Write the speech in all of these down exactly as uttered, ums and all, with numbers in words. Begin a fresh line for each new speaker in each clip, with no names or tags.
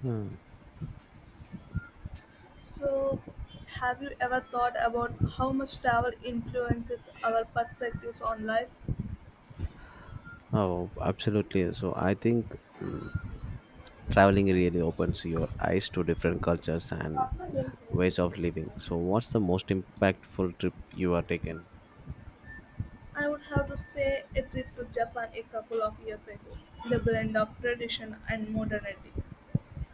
Hmm.
So, have you ever thought about how much travel influences our perspectives on life?
Oh, absolutely. So I think mm, traveling really opens your eyes to different cultures and ways of living. So what's the most impactful trip you are taken?
I would have to say a trip to Japan a couple of years ago. The blend of tradition and modernity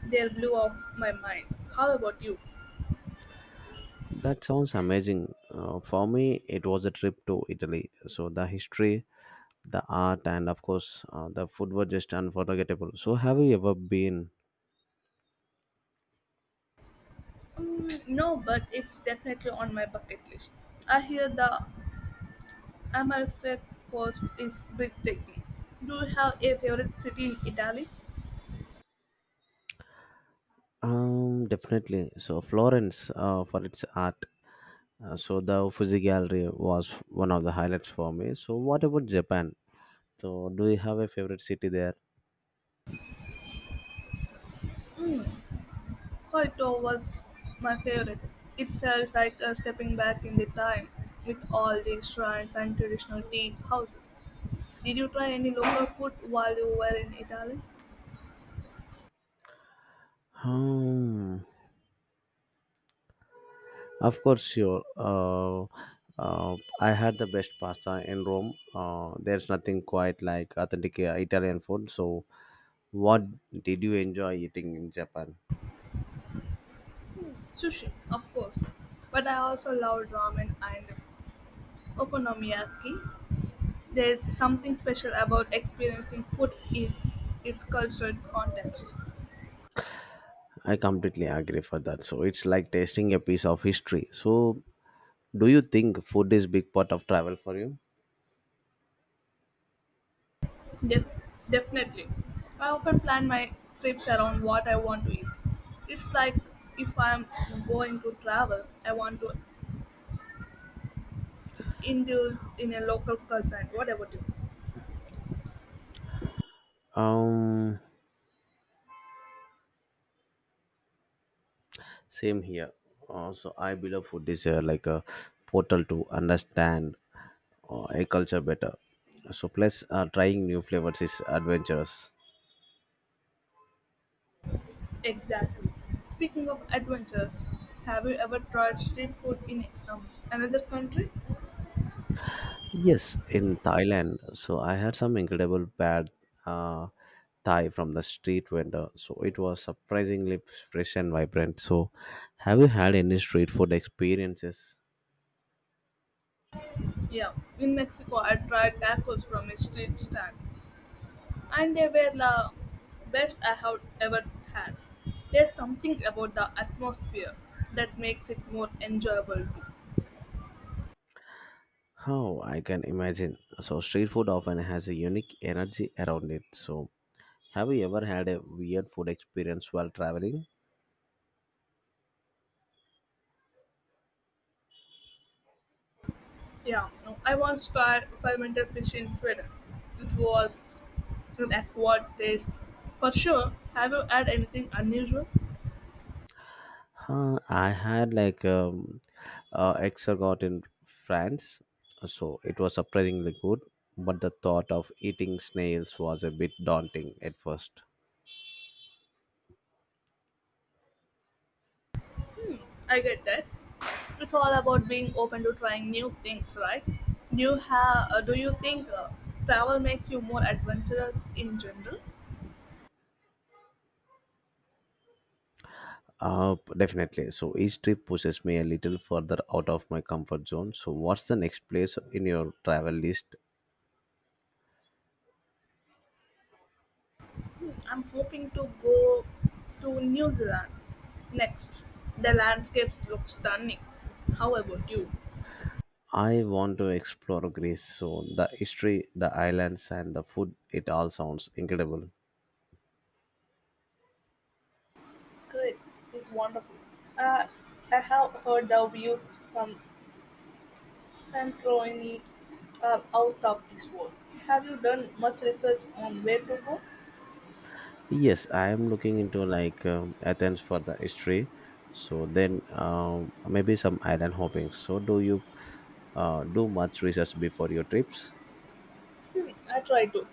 there blew off my mind. How about you?
That sounds amazing. Uh, for me, it was a trip to Italy. So the history, the art, and of course, uh, the food were just unforgettable. So have you ever been?
Mm, no, but it's definitely on my bucket list. I hear the Amalfi Coast is breathtaking. Do you have a favorite city in Italy?
Um, definitely. So Florence, uh, for its art. Uh, so the Uffizi Gallery was one of the highlights for me. So what about Japan? So, do you have a favorite city there?
Kwaito was my favorite. It felt like uh, stepping back in the time with all the shrines and traditional tea houses. Did you try any local food while you were in Italy?
Hmm. Of course, sure. Uh, uh, I had the best pasta in Rome. Uh, there's nothing quite like authentic uh, Italian food. So, what did you enjoy eating in Japan?
Sushi, of course. But I also loved ramen and okonomiyaki. There's something special about experiencing food in its cultural context.
I completely agree for that. So, it's like tasting a piece of history. So, do you think food is big part of travel for you?
Def- Definitely. I often plan my trips around what I want to eat. It's like if I'm going to travel, I want to indulge in a local culture and whatever it is.
Um. Same here. Also, I believe food is uh, like a portal to understand uh, a culture better. So, plus, uh, trying new flavors is adventurous.
Exactly. Speaking of adventures, have you ever tried street food in um, another country?
Yes, in Thailand. So, I had some incredible pad uh, Thai from the street vendor. So, it was surprisingly fresh and vibrant. So, have you had any street food experiences?
Yeah, in Mexico, I tried tacos from a street stand, and they were the best I have ever had. There's something about the atmosphere that makes it more enjoyable too.
How I can imagine. So, street food often has a unique energy around it. So, have you ever had a weird food experience while traveling?
Yeah, no, I once tried fermented fish in Sweden. It was an acquired taste. For sure, have you had anything unusual?
Huh, I had like um, uh, exergot in France, so it was surprisingly good. But the thought of eating snails was a bit daunting at first.
I get that. It's all about being open to trying new things, right? Do you have? Uh, do you think uh, travel makes you more adventurous in general?
Uh, definitely. So each trip pushes me a little further out of my comfort zone. So what's the next place in your travel list?
I'm hoping to go to New Zealand next. The landscapes look stunning. How about you?
I want to explore Greece. So the history, the islands, and the food—it all sounds incredible.
Greece is wonderful. Uh, I have heard the views from Santorini are out of this world. Have you done much research on where to go?
Yes, I am looking into like um, Athens for the history. So then um, maybe some island hopping. So do you uh, do much research before your trips?
Hmm, I try to,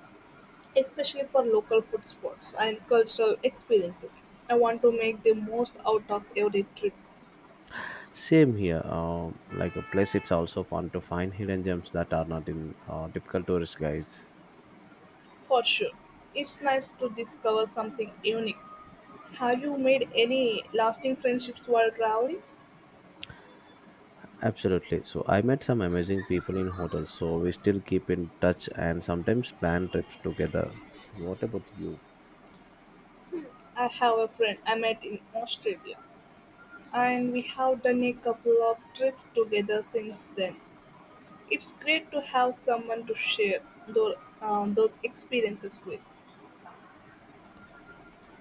especially for local food spots and cultural experiences. I want to make the most out of every trip.
Same here. Um, like a place, it's also fun to find hidden gems that are not in uh, typical tourist guides.
For sure. It's nice to discover something unique. Have you made any lasting friendships while traveling?
Absolutely. So I met some amazing people in hotels. So we still keep in touch and sometimes plan trips together. So what about you?
I have a friend I met in Australia, and we have done a couple of trips together since then. It's great to have someone to share those, uh, those experiences with.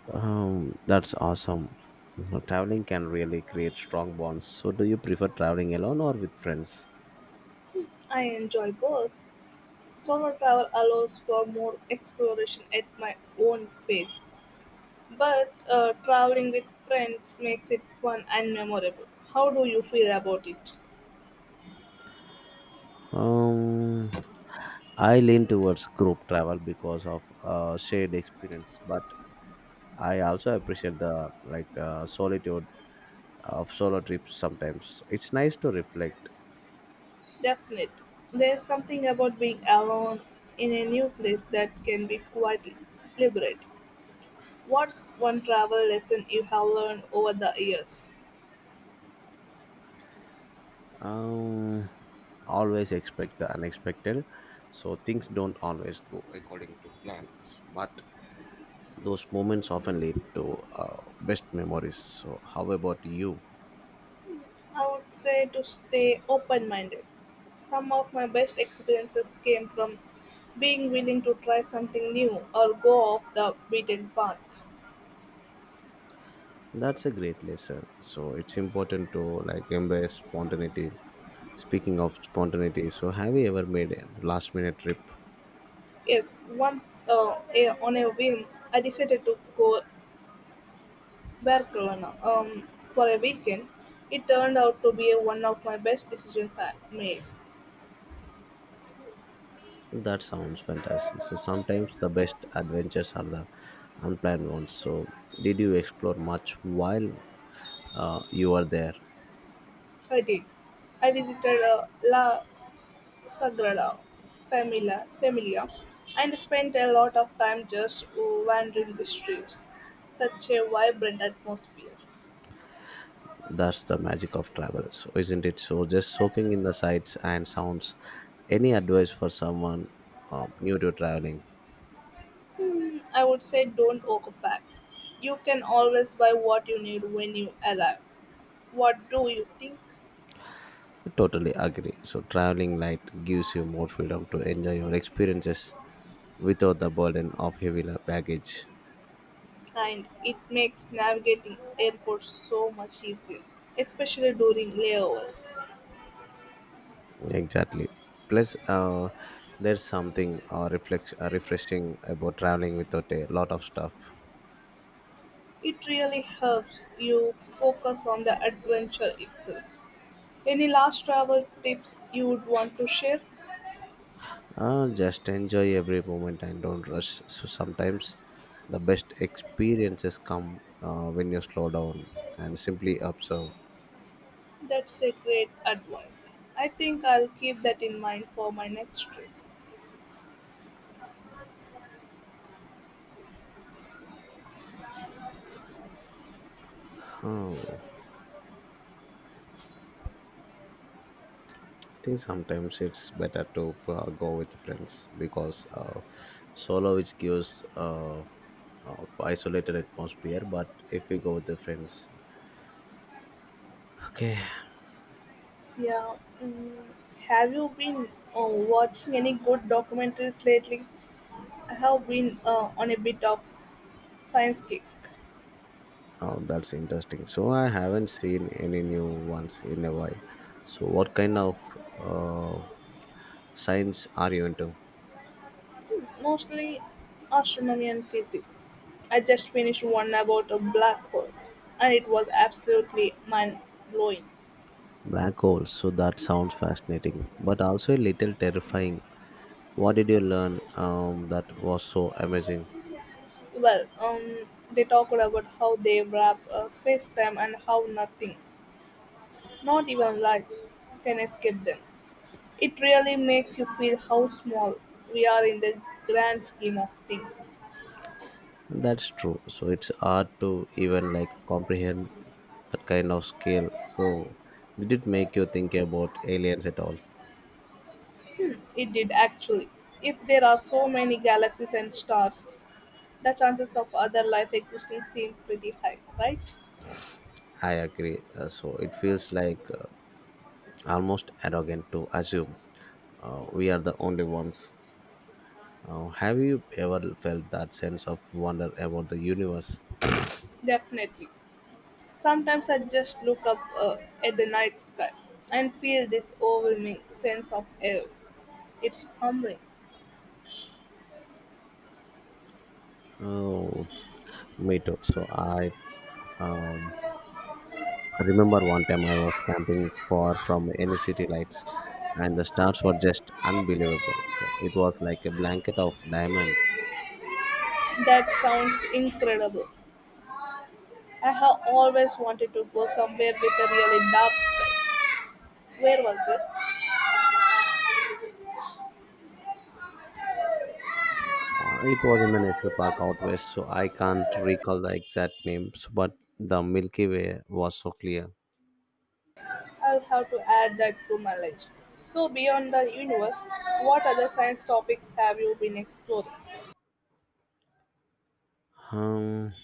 Um, that's awesome. Uh, Traveling can really create strong bonds. So, do you prefer traveling alone or with friends?
I enjoy both. Solo travel allows for more exploration at my own pace, but uh, traveling with friends makes it fun and memorable. How do you feel about it?
Um, I lean towards group travel because of uh, shared experience, but I also appreciate the like uh, solitude of solo trips. Sometimes it's nice to reflect.
Definitely, there's something about being alone in a new place that can be quite liberating. What's one travel lesson you have learned over the years?
Um, Always expect the unexpected, so things don't always go according to plan. But those moments often lead to uh, best memories. So, how about you?
I would say to stay open minded. Some of my best experiences came from being willing to try something new or go off the beaten path.
That's a great lesson. So, it's important to like embrace spontaneity. Speaking of spontaneity, so have you ever made a last minute trip?
Yes, once uh, a, on a whim, I decided to go Barcelona um, for a weekend. It turned out to be one of my best decisions I made.
That sounds fantastic. So, sometimes the best adventures are the unplanned ones. So, did you explore much while uh, you were there?
I did. I visited uh, La Sagrada Familia, Familia and spent a lot of time just wandering the streets. Such a vibrant atmosphere.
That's the magic of travelers, isn't it? So just soaking in the sights and sounds. Any advice for someone uh, new to traveling?
Hmm, I would say don't overpack. You can always buy what you need when you arrive. What do you think?
I totally agree. So traveling light gives you more freedom to enjoy your experiences without the burden of heavy la- baggage.
And it makes navigating airports so much easier, especially during layovers.
Exactly. Plus, uh, there's something uh, reflex, uh, refreshing about traveling without a lot of stuff.
It really helps you focus on the adventure itself. Any last travel tips you would want to share?
Uh, just enjoy every moment and don't rush. So sometimes the best experiences come uh, when you slow down and simply observe.
That's a great advice. I think I'll keep that in mind for my next trip.
Oh, I think sometimes it's better to uh, go with friends because uh, solo which gives uh, uh, isolated atmosphere. But if we go with the friends, okay,
Yeah. Mm, have you been uh, watching any good documentaries lately? I have been uh, on a bit of s- science kick,
oh that's interesting. So I haven't seen any new ones in a while. So what kind of uh, signs are you into?
mostly astronomy and physics. I just finished one about a black holes, and it was absolutely mind blowing.
Black holes. So that sounds fascinating, but also a little terrifying. What did you learn um, that was so amazing?
Well, um, they talked about how they wrap uh, space time and how nothing, not even light, can escape them. It really makes you feel how small we are in the grand scheme of things.
That's true. So it's hard to even like comprehend that kind of scale. So did it make you think about aliens at all?
It did actually. If there are so many galaxies and stars, the chances of other life existing seem pretty high, right?
I agree. Uh, so it feels like uh, almost arrogant to assume uh, we are the only ones. Uh, have you ever felt that sense of wonder about the universe?
Definitely. Sometimes I just look up uh, at the night sky and feel this overwhelming sense of awe. It's humbling.
Oh, me too. So I um, I remember one time I was camping far from any city lights, and the stars were just unbelievable. So it was like a blanket of diamonds.
That sounds incredible. I have always wanted to go somewhere with a really dark space. Where was
Uh, it was in the national park out west, so I can't
it?
recall the exact names, but the Milky Way was so clear.
I'll have to add that to my list. So, beyond the universe, what other science topics have you been exploring?
Um,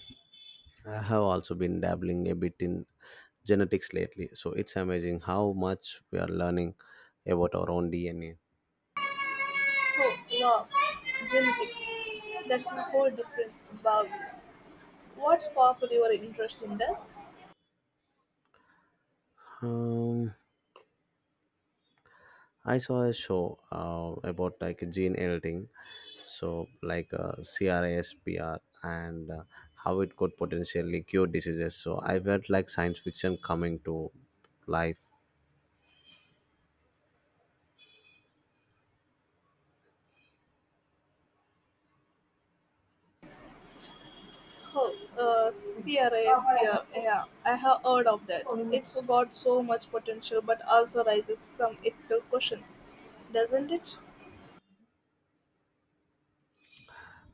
I have also been dabbling a bit in genetics lately, so it's amazing how much we are learning about our own D N A.
Oh, wow, genetics. That's a whole different ball. What sparked your interest in that?
Um, I saw a show uh, about like gene editing, so like uh, CRISPR and uh, how it could potentially cure diseases. So I felt like science fiction coming to life.
Oh, uh, crisper, yeah, yeah, I have heard of that. It's got so much potential but also raises some ethical questions, doesn't it?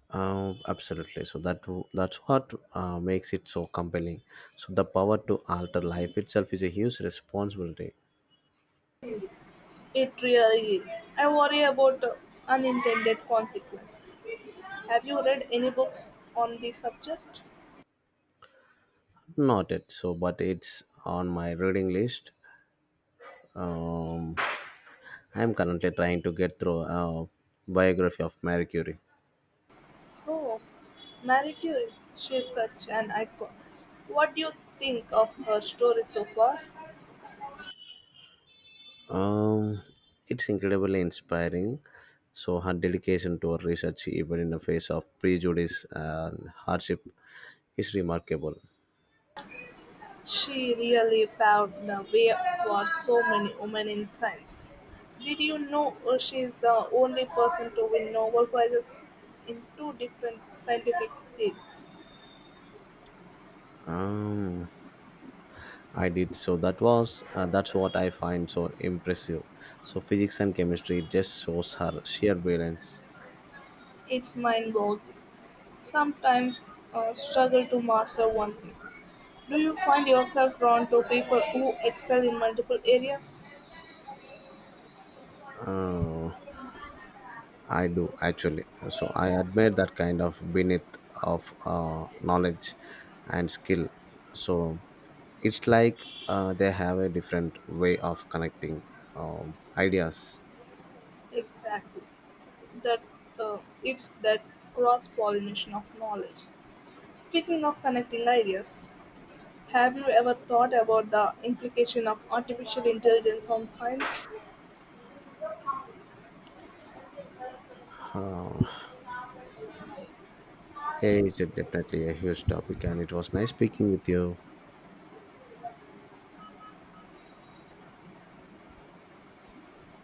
Uh, absolutely. So that that's what uh, makes it so compelling. So the power to alter life itself is a huge responsibility.
It really is. I worry about uh, unintended consequences. Have you read any books on the subject?
Not it. So, but it's on my reading list. Um, I'm currently trying to get through a biography of Marie Curie.
Oh, Marie Curie. She is such an icon. What do you think of her story so far?
Um, it's incredibly inspiring. So her dedication to her research, even in the face of prejudice and hardship, is remarkable.
She really paved the way for so many women in science. Did you know uh, she is the only person to win Nobel Prizes in two different scientific fields?
Um, I did so. That was uh, that's what I find so impressive. So physics and chemistry just shows her sheer brilliance.
It's mind boggling. Sometimes uh, struggle to master one thing. Do you find yourself drawn to people who excel in multiple areas?
Uh, I do actually. So I admire that kind of beneath of uh, knowledge and skill. So it's like uh, they have a different way of connecting um, ideas.
Exactly. That's uh, it's that cross pollination of knowledge. Speaking of connecting ideas, have you ever thought about the implication of artificial intelligence on science?
Hey, it's definitely a huge topic, and it was
Thank
nice speaking with
you.
you.